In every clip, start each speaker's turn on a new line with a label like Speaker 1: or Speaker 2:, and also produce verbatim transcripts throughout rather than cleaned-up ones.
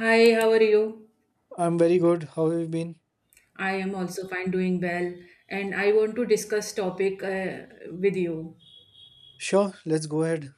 Speaker 1: Hi, how are you?
Speaker 2: I'm very good. How have you been?
Speaker 1: I am also fine, doing well, and I want to discuss topic uh, with you.
Speaker 2: Sure, let's go ahead.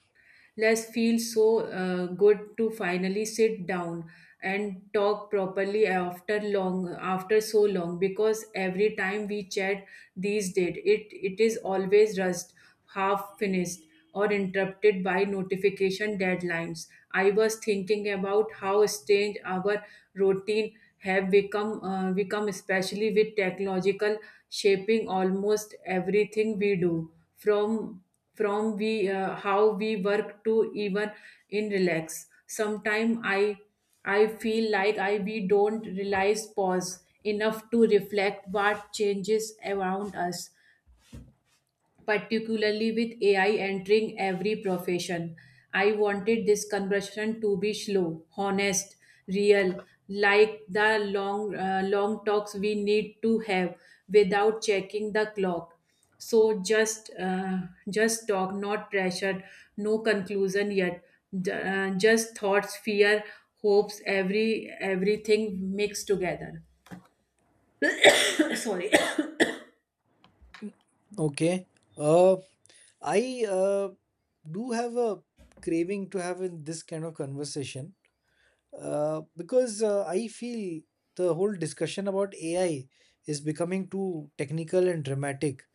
Speaker 1: Let's feel so uh, good to finally sit down and talk properly after long after so long, because every time we chat these days it it is always rushed, half finished, or interrupted by notification deadlines. I was thinking about how strange our routine have become uh, become especially with technological shaping almost everything we do from from we uh, how we work to even in relax. Sometimes i i feel like I we don't realize pause enough to reflect what changes around us, particularly with A I entering every profession. I wanted this conversation to be slow, honest, real, like the long, uh, long talks we need to have without checking the clock. So just, uh, just talk, not pressured, no conclusion yet. J- uh, just thoughts, fear, hopes, every everything mixed together. Sorry.
Speaker 2: Okay. Uh, I uh, do have a craving to have in this kind of conversation uh, because uh, I feel the whole discussion about A I is becoming too technical and dramatic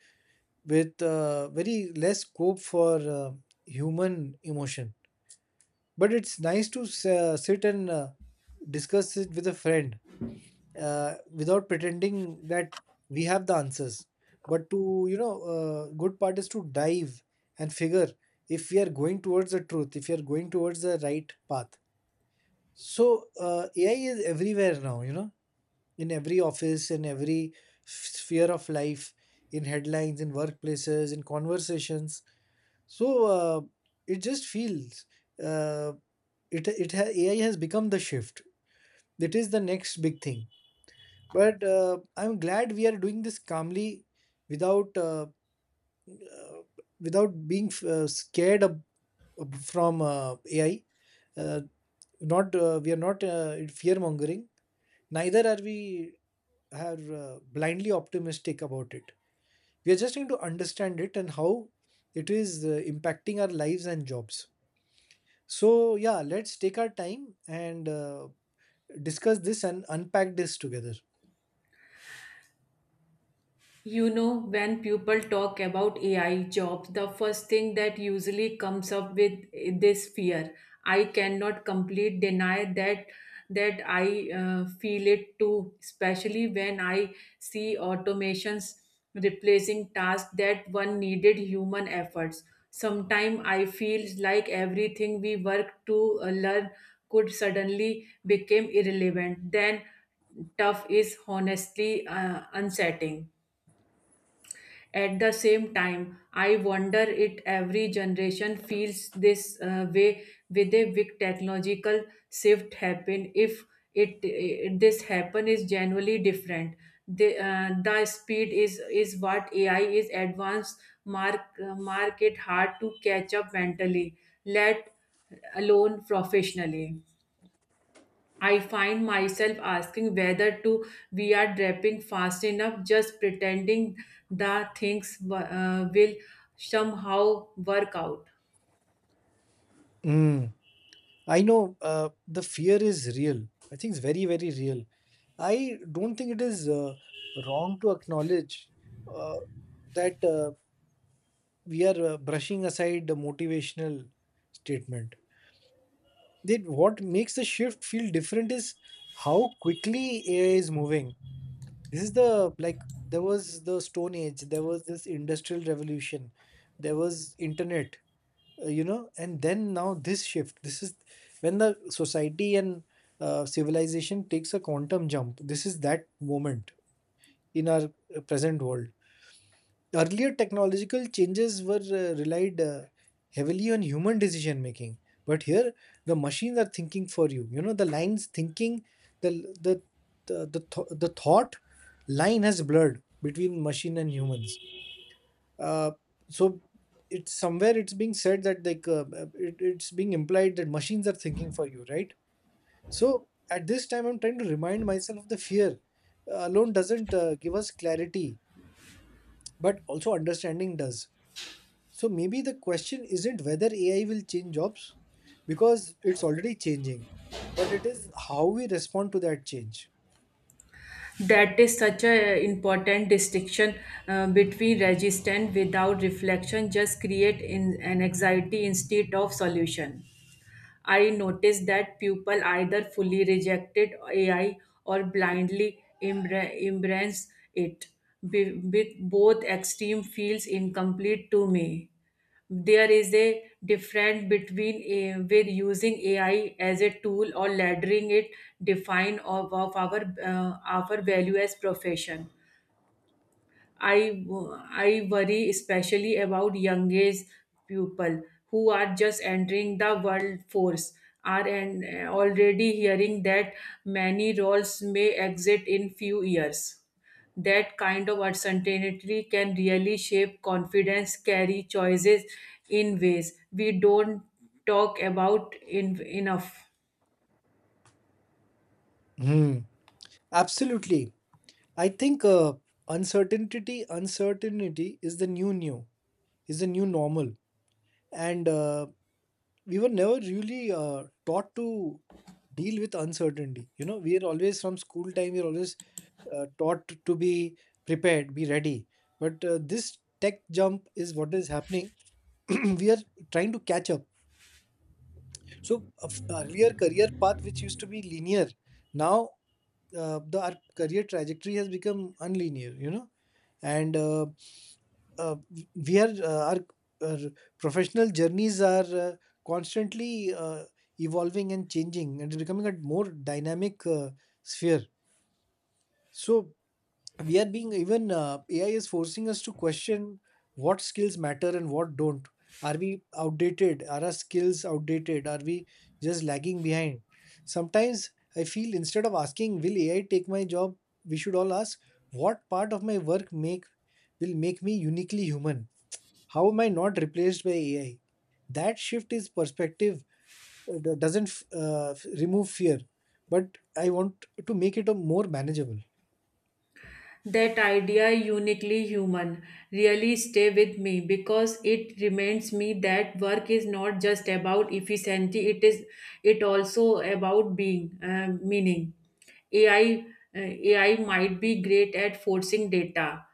Speaker 2: with uh, very less scope for uh, human emotion. But it's nice to s- uh, sit and uh, discuss it with a friend uh, without pretending that we have the answers, but to you know uh, good part is to dive and figure if we are going towards the truth, if we are going towards the right path. So uh, AI is everywhere now, you know in every office, in every sphere of life, in headlines, in workplaces, in conversations. So uh, it just feels, uh, it it ha- AI has become the shift. It is the next big thing, but uh, I'm glad we are doing this calmly, without uh, uh, without being uh, scared ab- ab- from uh, AI. Uh, not uh, We are not uh, fear mongering, neither are we are uh, blindly optimistic about it. We are just going to understand it, and how it is uh, impacting our lives and jobs. So, yeah, let's take our time and uh, discuss this and unpack this together.
Speaker 1: You know, when people talk about A I jobs, the first thing that usually comes up with this fear. I cannot complete deny that that I uh, feel it too, especially when I see automations replacing tasks that one needed human efforts. Sometimes I feel like everything we work to uh, learn could suddenly become irrelevant. Then tough is honestly uh, unsettling. At the same time, I wonder if every generation feels this uh, way with a big technological shift happen. If it, it- this happen is generally different. The, uh, the speed is is what A I is advanced mark market hard to catch up mentally, let alone professionally. I find myself asking whether to we are draping fast enough, just pretending the things uh, will somehow work out.
Speaker 2: Mm. I know uh, the fear is real. I think it's very, very real. I don't think it is uh, wrong to acknowledge uh, that uh, we are uh, brushing aside the motivational statement. That what makes the shift feel different is how quickly A I is moving. This is the, like, there was the Stone Age, there was this Industrial Revolution, there was internet, uh, you know and then now this shift, this is when the society and uh, civilization takes a quantum jump. This is that moment in our uh, present world. Earlier technological changes were uh, relied uh, heavily on human decision making, but here the machines are thinking for you, you know the lines thinking. The the the the, th- the thought line has blurred between machine and humans. Uh, so it's somewhere, it's being said that, like, uh, uh, it, it's being implied that machines are thinking for you, right? So at this time I'm trying to remind myself of the fear uh, alone doesn't uh, give us clarity, but also understanding does. So maybe the question isn't whether AI will change jobs, because it's already changing, but it is how we respond to that change.
Speaker 1: That is such an important distinction uh, between resistance without reflection, just create in, an anxiety instead of solution. I noticed that people either fully rejected A I or blindly embra- embrace it. Be- with both extreme feels incomplete to me. There is a difference between uh, with using A I as a tool or laddering it define of, of our uh, our value as profession. I, w- I worry especially about young age people who are just entering the world force are and already hearing that many roles may exit in few years. That kind of uncertainty can really shape confidence, carry choices in ways we don't talk about in, enough.
Speaker 2: Hmm. Absolutely. I think uh, uncertainty, uncertainty is the new new, is the new normal. And uh, we were never really uh, taught to deal with uncertainty. You know, we are always, from school time, we're always uh, taught to be prepared, be ready. But uh, this tech jump is what is happening. We are trying to catch up. So a f- earlier career path which used to be linear, now uh, the our career trajectory has become unlinear, you know. And uh, uh, we are uh, our, our professional journeys are uh, constantly uh, evolving and changing, and it's becoming a more dynamic uh, sphere. So we are being even uh, A I is forcing us to question what skills matter and what don't. Are we outdated? Are our skills outdated? Are we just lagging behind? Sometimes I feel, instead of asking, will A I take my job, we should all ask, what part of my work make will make me uniquely human? How am I not replaced by A I? That shift is perspective, uh, do- doesn't f- uh, f- remove fear, but I want to make it a more manageable.
Speaker 1: That idea, uniquely human, really stay with me because it reminds me that work is not just about efficiency, it is it also about being uh, meaning. A I uh, A I might be great at forcing data,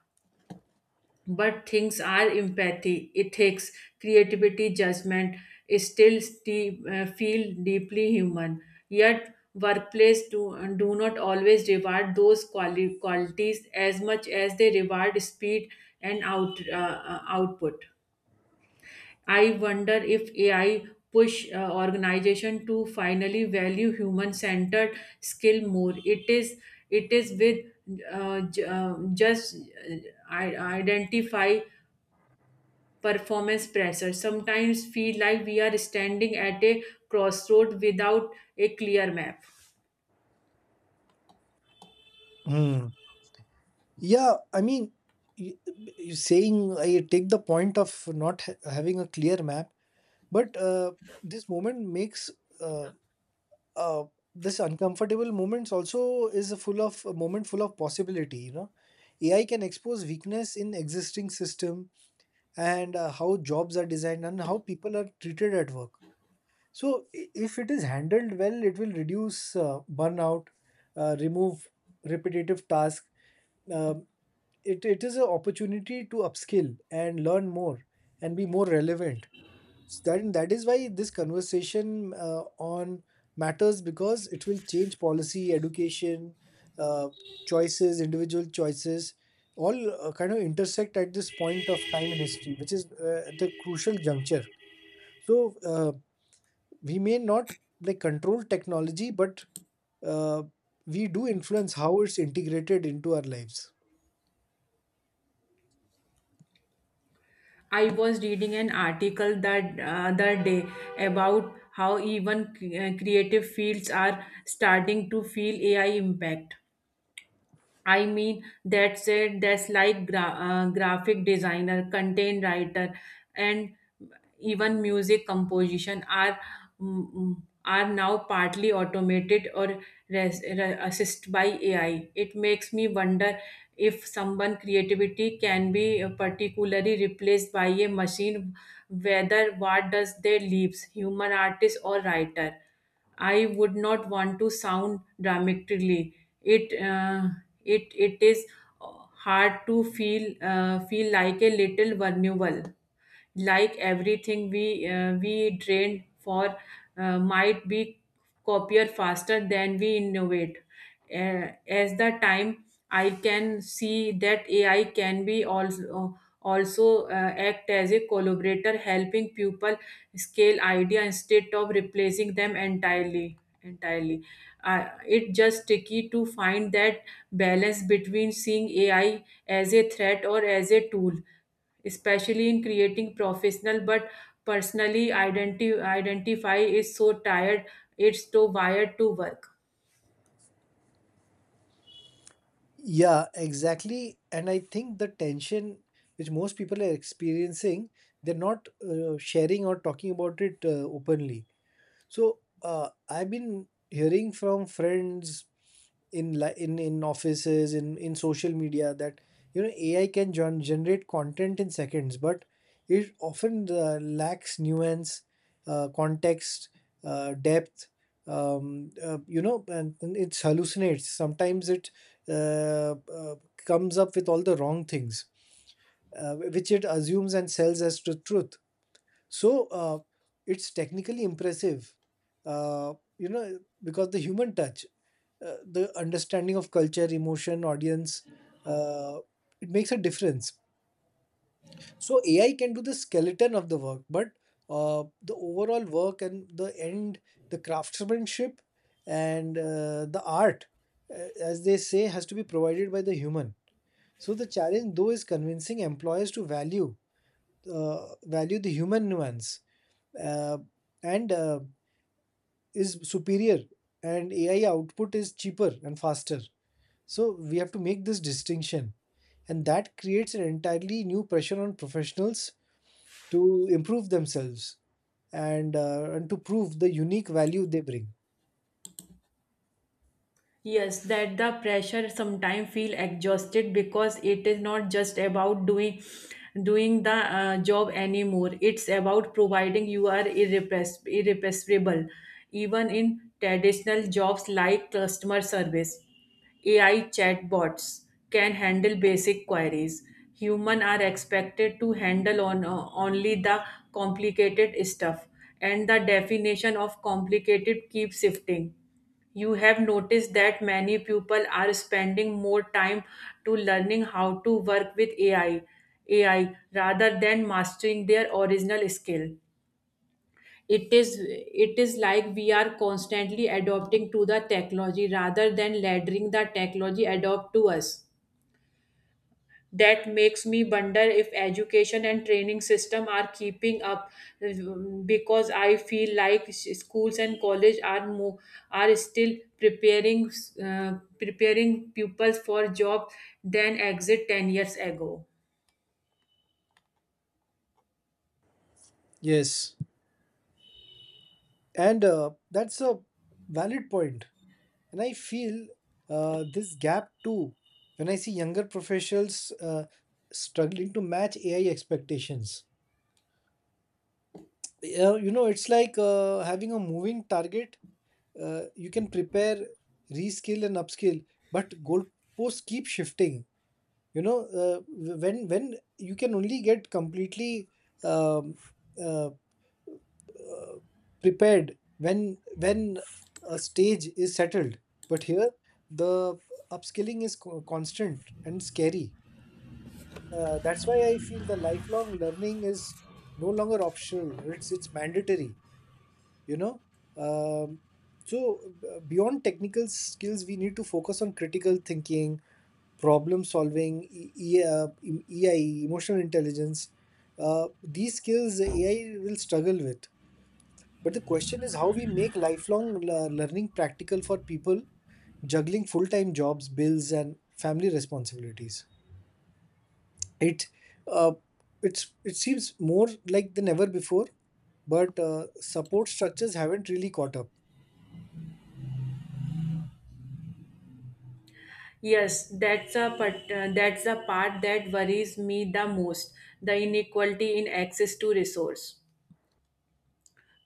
Speaker 1: but things are empathy it takes creativity judgment still sti- uh, feel deeply human, yet workplace do, do not always reward those quali- qualities as much as they reward speed and out, uh, uh, output. I wonder if AI push uh, organization to finally value human centered skill more. It is it is with uh, j- uh, just uh, i- identify performance pressure. Sometimes feel like we are standing at a crossroad without a clear map.
Speaker 2: Hmm. Yeah, I mean, y- you're saying I take the point of not ha- having a clear map, but uh, this moment makes uh, uh, this uncomfortable moments also is a full of a moment full of possibility. You know, A I can expose weakness in existing system, and uh, how jobs are designed and how people are treated at work. So, i- if it is handled well, it will reduce uh, burnout, uh, remove repetitive tasks. It, it is an opportunity to upskill and learn more and be more relevant. S- that, that is why this conversation uh, on matters, because it will change policy, education, uh, choices, individual choices, all uh, kind of intersect at this point of time in history, which is uh, at the crucial juncture. So uh, we may not, like, control technology, but uh, we do influence how it's integrated into our lives.
Speaker 1: I was reading an article that uh, other day about how even uh, creative fields are starting to feel A I impact. I mean, that's it. That's like gra- uh, graphic designer, content writer, and even music composition are mm, mm, are now partly automated or res- re- assisted by A I. It makes me wonder if someone creativity can be particularly replaced by a machine, whether what does they leaves human artist or writer. I would not want to sound dramatically. It. Uh, it it is uh, hard to feel uh, feel like a little vulnerable, like everything we uh, we drain for uh, might be copier faster than we innovate. Uh, as the time, I can see that AI can be also also uh, act as a collaborator, helping people scale idea instead of replacing them entirely entirely. Uh, it's just tricky to find that balance between seeing AI as a threat or as a tool, especially in creating professional, but personally identi- identify is so tired, it's so wired to work.
Speaker 2: Yeah, exactly. And I think the tension which most people are experiencing, they're not uh, sharing or talking about it uh, openly. So uh, I've been hearing from friends, in li- in in offices, in in social media, that, you know, A I can gen- generate content in seconds, but it often uh, lacks nuance, uh, context, uh, depth. Um, uh, you know, and, and it hallucinates. Sometimes it uh, uh, comes up with all the wrong things, uh, which it assumes and sells as the truth. So uh, it's technically impressive, uh, you know, because the human touch, uh, the understanding of culture, emotion, audience, uh, it makes a difference. So A I can do the skeleton of the work, but uh, the overall work and the end, the craftsmanship and uh, the art, uh, as they say, has to be provided by the human. So the challenge, though, is convincing employers to value uh, value the human nuance, uh, and uh, is superior, and AI output is cheaper and faster. So we have to make this distinction, and that creates an entirely new pressure on professionals to improve themselves, and uh, and to prove the unique value they bring.
Speaker 1: Yes, that the pressure sometimes feel exhausted because it is not just about doing doing the uh, job anymore. It's about providing you are irrepress- irrepressible, even in traditional jobs like customer service. A I chatbots can handle basic queries. Human are expected to handle on uh, only the complicated stuff, and the definition of complicated keeps shifting. You have noticed that many people are spending more time to learning how to work with A I, A I rather than mastering their original skill. It is it is like we are constantly adopting to the technology rather than letting the technology adopt to us. That makes me wonder if education and training system are keeping up, um, because I feel like s- schools and college are mo- are still preparing uh, preparing pupils for job than exit ten years ago.
Speaker 2: Yes, and uh, that's a valid point, and I feel uh, this gap too when I see younger professionals uh, struggling to match AI expectations. Yeah, you know, it's like uh, having a moving target. Uh, you can prepare, reskill, and upskill, but goalposts keep shifting. You know, uh, w- when when you can only get completely um, uh, prepared when when a stage is settled. But here, the upskilling is co- constant and scary. Uh, that's why I feel the lifelong learning is no longer optional. It's it's mandatory. you know um, so uh, beyond technical skills, we need to focus on critical thinking, problem solving, E- E- uh, em- ei emotional intelligence. Uh, these skills AI will struggle with. But the question is how we make lifelong le- learning practical for people juggling full-time jobs, bills, and family responsibilities. it uh, it's it seems, more like than ever before, but uh, support structures haven't really caught up.
Speaker 1: Yes, that's a part, uh, that's a part that worries me the most, the inequality in access to resource.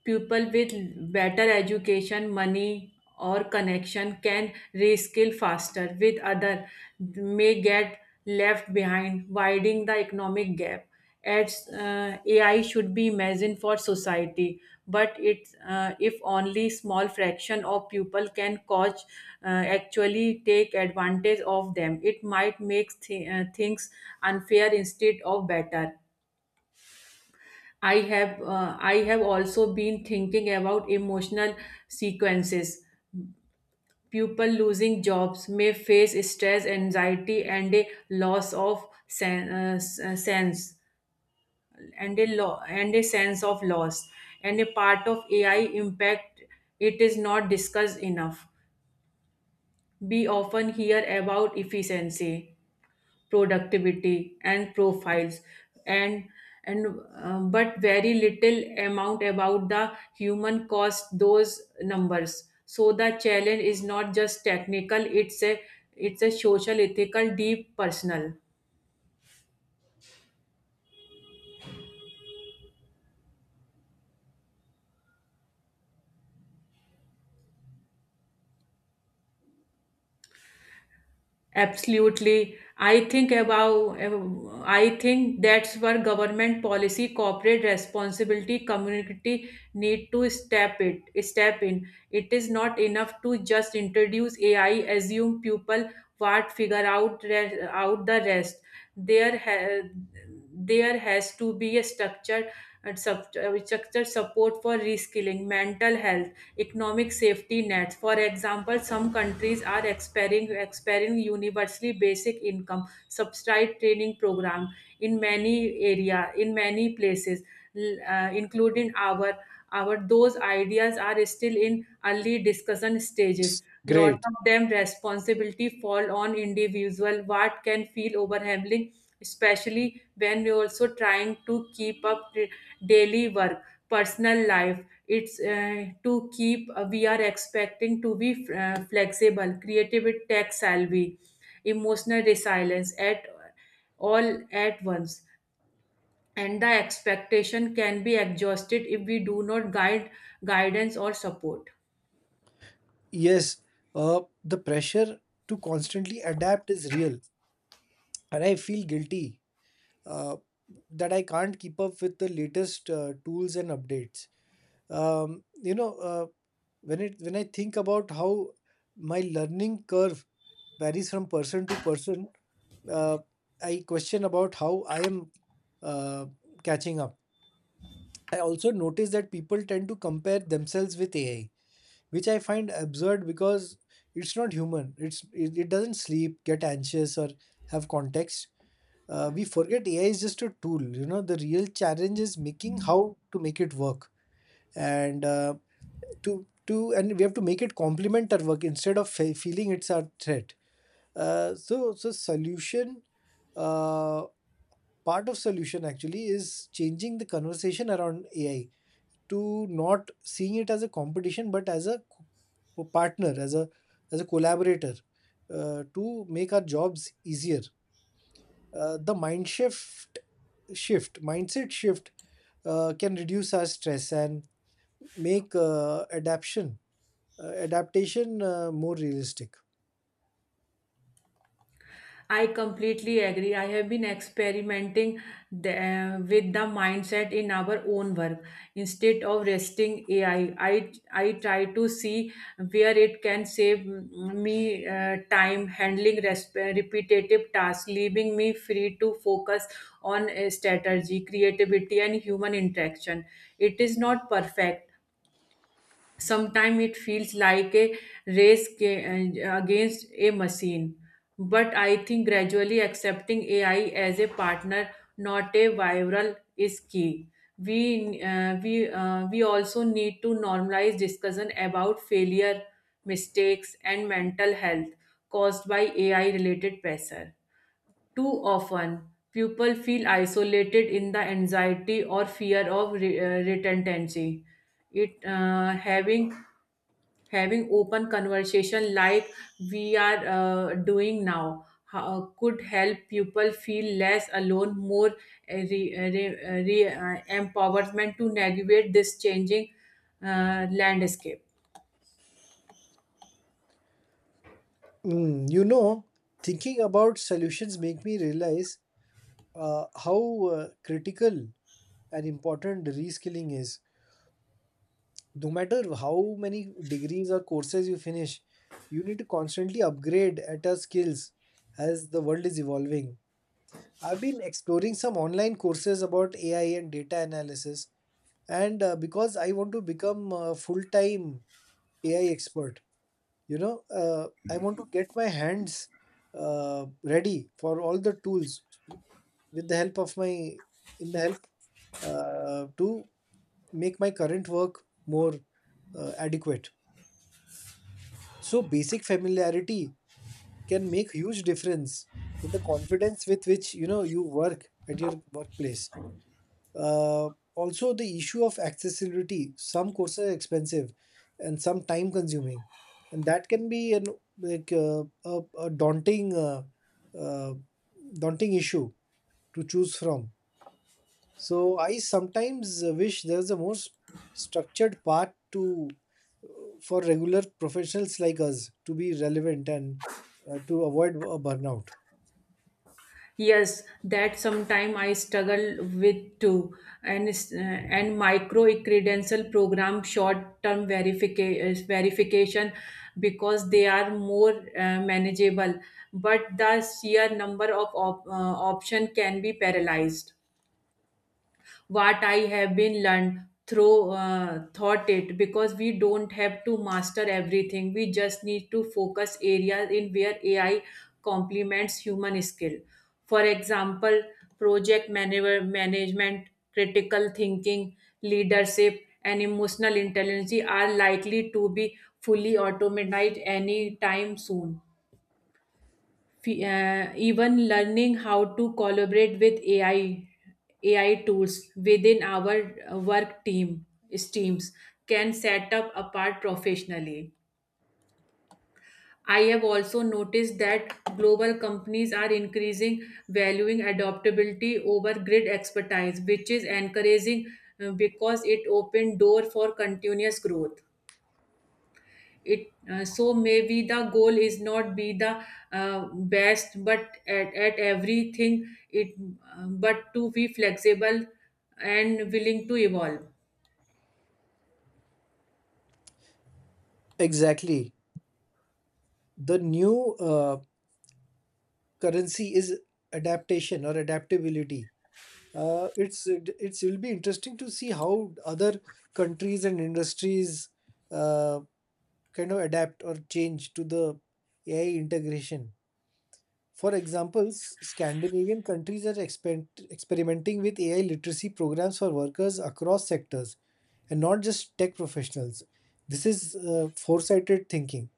Speaker 1: People with better education, money, or connection can reskill faster with other may get left behind, widening the economic gap. As uh, A I should be imagined for society, but it's uh, if only small fraction of people can cause uh, actually take advantage of them, it might make th- uh, things unfair instead of better. I have uh, I have also been thinking about emotional sequences. People losing jobs may face stress, anxiety, and a loss of sen- uh, s- uh, sense, and a lo- and a sense of loss, and a part of A I impact. It is not discussed enough. We often hear about efficiency, productivity, and profiles, and and uh, but very little amount about the human cost those numbers. So the challenge is not just technical, it's a it's a social ethical deep personal. Absolutely. I think about, I think that's where government policy, corporate responsibility, community need to step it, step in. It is not enough to just introduce A I, assume people what figure out re- out the rest. There, ha- there has to be a structure, structure support for reskilling, mental health, economic safety nets. For example, some countries are expiring, expiring universally basic income subsidized training program in many area, in many places, l- uh, including our our those ideas are still in early discussion stages. Lot
Speaker 2: Great.
Speaker 1: of them responsibility fall on individual. What can feel overwhelming, especially when we are also trying to keep up the daily work, personal life. It's uh, to keep uh, we are expecting to be uh, flexible creative with tech savvy emotional resilience at all at once, and the expectation can be exhausted if we do not guide guidance or support.
Speaker 2: Yes, uh, the pressure to constantly adapt is real, and I feel guilty uh, that I can't keep up with the latest uh, tools and updates. Um, you know, uh, when it when I think about how my learning curve varies from person to person, uh, I question about how I am uh, catching up. I also notice that people tend to compare themselves with A I, which I find absurd because it's not human. It's it, it doesn't sleep, get anxious, or have context. Uh, we forget A I is just a tool. You know, the real challenge is making, how to make it work, and uh, to to and we have to make it complement our work instead of fe- feeling it's our threat. Uh, so so solution. Uh, Part of solution actually is changing the conversation around A I, to not seeing it as a competition but as a co- partner, as a, as a collaborator, uh, to make our jobs easier. Uh, the mind shift shift mindset shift uh, can reduce our stress and make uh, adaptation uh, adaptation uh, more realistic.
Speaker 1: I completely agree. I have been experimenting the, uh, with the mindset in our own work. Instead of resting A I, I, I I try to see where it can save m- me uh, time handling resp- repetitive tasks, leaving me free to focus on uh, strategy, creativity, and human interaction. It is not perfect, sometimes it feels like a race ga- uh, against a machine, but I think gradually accepting AI as a partner, not a viral, is key. We uh, we uh, we also need to normalize discussion about failure, mistakes, and mental health caused by AI related pressure. Too often people feel isolated in the anxiety or fear of re- uh, retentancy. It uh, having Having open conversation like we are uh, doing now ho- could help people feel less alone, more uh, re, uh, re, uh, re- uh, empowerment to navigate this changing uh, landscape.
Speaker 2: Mm, you know, thinking about solutions make me realize uh, how uh, critical an important reskilling is, no matter how many degrees or courses you finish, you need to constantly upgrade at your skills as the world is evolving. I've been exploring some online courses about A I and data analysis, and uh, because I want to become a full time A I expert. You know, uh, I want to get my hands uh, ready for all the tools with the help of my in the help uh, to make my current work more uh, adequate. So basic familiarity can make huge difference in the confidence with which, you know, you work at your workplace. Uh, also, the issue of accessibility. Some courses are expensive and some time consuming, and that can be an, like, uh, a, a daunting, uh, uh, daunting issue to choose from. So I sometimes uh, wish there's a more s- structured path to for regular professionals like us to be relevant and uh, to avoid a burnout.
Speaker 1: Yes, that sometime I struggle with too, and s- uh, and micro credential program short term verification verification because they are more uh, manageable, but the sheer number of op- uh, option can be paralyzed what I have been learned through uh, thought it, because we don't have to master everything. We just need to focus areas in where A I complements human skill. For example, project manager, management, critical thinking, leadership, and emotional intelligence are likely to be fully automated anytime soon. Fe- uh, even learning how to collaborate with A I A I tools within our uh, work team teams can set up apart professionally. I have also noticed that global companies are increasing valuing adaptability over grid expertise, which is encouraging uh, because it opened door for continuous growth. It uh, So maybe the goal is not be the uh, best but at, at everything it uh, but to be flexible and willing to evolve.
Speaker 2: Exactly. The new uh, currency is adaptation or adaptability. Uh, it's it, it's will be interesting to see how other countries and industries uh, kind of adapt or change to the A I integration. For example, S- Scandinavian countries are exper- experimenting with A I literacy programs for workers across sectors, and not just tech professionals. This is uh, foresighted thinking.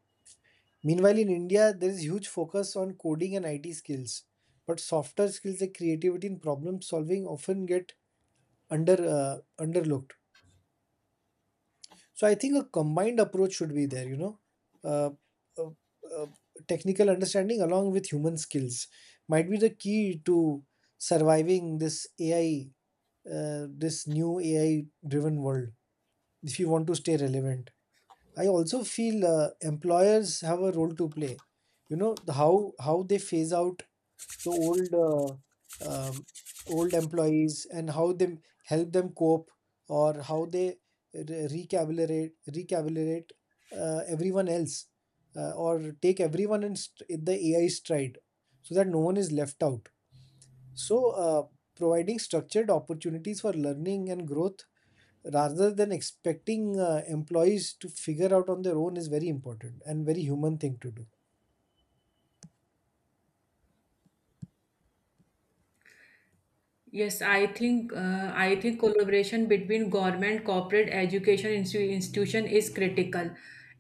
Speaker 2: Meanwhile, in India, there is huge focus on coding and I T skills, but softer skills like creativity and problem solving often get under uh, underlooked. So I think a combined approach should be there, you know, uh, uh, uh, technical understanding along with human skills might be the key to surviving this A I, uh, this new A I driven world if you want to stay relevant. I also feel uh, employers have a role to play. You know, the how how they phase out the old uh, um, old employees, and how they help them cope, or how they re- recalibrate recalibrate uh, everyone else, uh, or take everyone in, st- in the A I stride, so that no one is left out. So uh, providing structured opportunities for learning and growth, rather than expecting uh, employees to figure out on their own, is very important, and very human thing to do.
Speaker 1: Yes, I think uh, I think collaboration between government, corporate, education instu- institution is critical.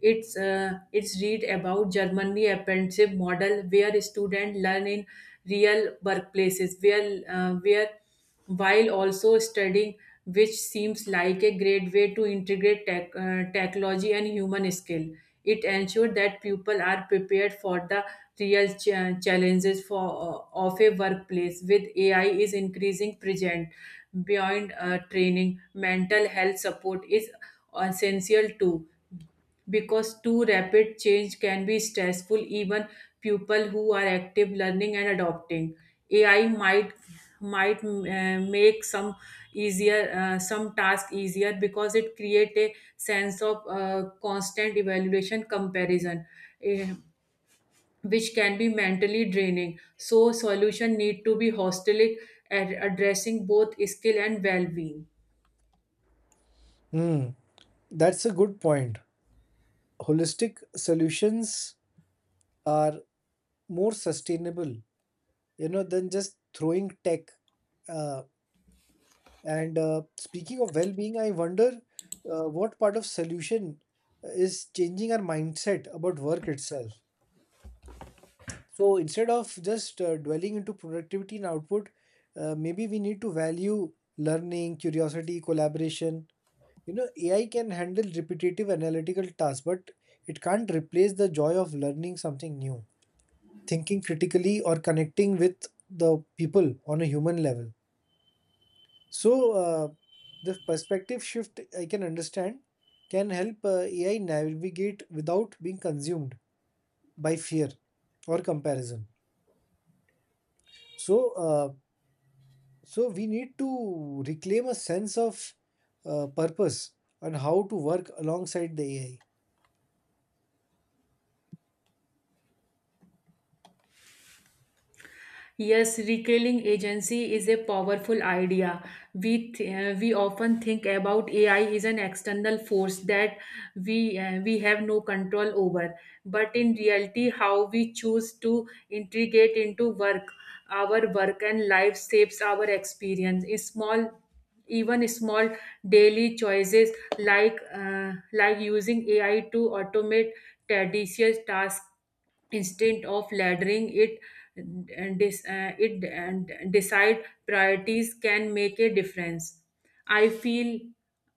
Speaker 1: It's uh, it's read about Germany apprenticeship model where students learn in real workplaces where uh, where while also studying, which seems like a great way to integrate tech, uh, technology and human skill. It ensures that people are prepared for the real cha- challenges for uh, of a workplace with A I is increasing present beyond uh, training. Mental health support is essential too because too rapid change can be stressful even people who are active learning and adopting. A I might might uh, make some easier uh, some task easier because it create a sense of uh, constant evaluation comparison. Eh, which can be mentally draining. So solution need to be holistic, ad- addressing both skill and well-being.
Speaker 2: Hmm, that's a good point. Holistic solutions are more sustainable, you know, than just throwing tech. Uh, and uh, speaking of well-being, I wonder uh, what part of solution is changing our mindset about work itself. So instead of just uh, dwelling into productivity and output, uh, maybe we need to value learning, curiosity, collaboration. You know, AI can handle repetitive analytical tasks, but it can't replace the joy of learning something new, thinking critically, or connecting with the people on a human level. So, uh, the perspective shift, I can understand, can help uh, A I navigate without being consumed by fear or comparison. So, uh, so we need to reclaim a sense of uh, purpose, and how to work alongside the A I.
Speaker 1: Yes, recalling agency is a powerful idea. We th- uh, we often think about A I is an external force that we uh, we have no control over, but in reality, how we choose to integrate into work, our work and life shapes our experience. A small even small daily choices like uh, like using A I to automate tedious tasks instead of laddering it and dis- uh, it and decide priorities can make a difference. i feel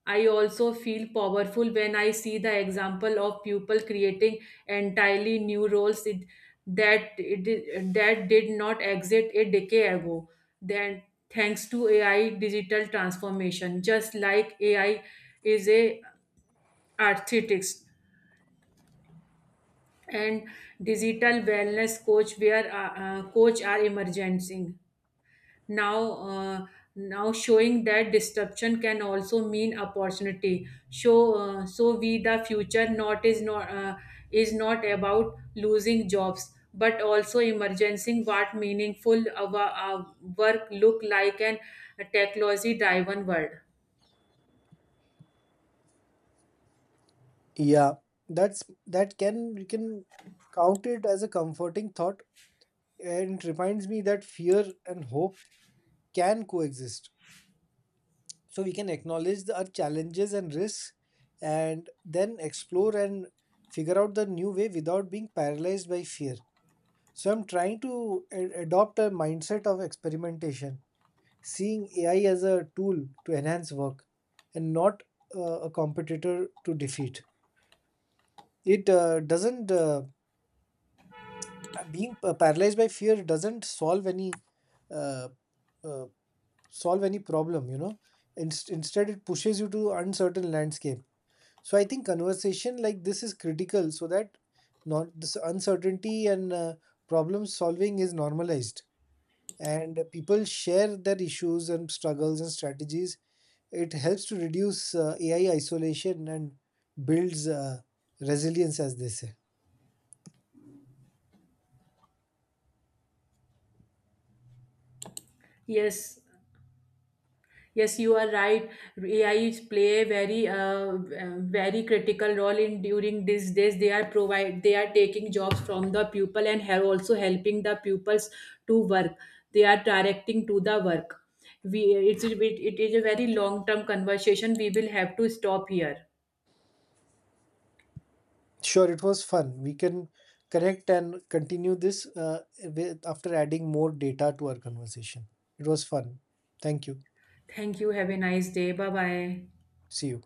Speaker 1: I also feel powerful when I see the example of people creating entirely new roles it, that it, did- that did not exist a decade ago, then thanks to AI digital transformation. Just like AI is a architect and digital wellness coach where uh, uh, coach are emerging now uh, now, showing that disruption can also mean opportunity. So uh, so we the future not is not uh, is not about losing jobs but also emerging what meaningful our, our work look like an technology driven world.
Speaker 2: Yeah, that's that can you can count it as a comforting thought, and it reminds me that fear and hope can coexist. So we can acknowledge the our challenges and risks, and then explore and figure out the new way without being paralyzed by fear. So I'm trying to a- adopt a mindset of experimentation, seeing A I as a tool to enhance work, and not uh, a competitor to defeat. It uh, doesn't, uh, Being uh, paralyzed by fear doesn't solve any uh, uh, solve any problem, you know. Inst- instead it pushes you to uncertain landscape. So I think conversation like this is critical, so that not this uncertainty and uh, problem solving is normalized, and people share their issues and struggles and strategies. It helps to reduce uh, AI isolation and builds uh, resilience, as they say.
Speaker 1: Yes. Yes, you are right. A I play a very, uh, uh, very critical role in during these days. They are provide, they are taking jobs from the pupil and have also helping the pupils to work. They are directing to the work. We, it's, it, it is a very long term conversation. We will have to stop here.
Speaker 2: Sure, it was fun. We can connect and continue this uh, with, after adding more data to our conversation. It was fun. Thank you.
Speaker 1: Thank you. Have a nice day. Bye bye.
Speaker 2: See you.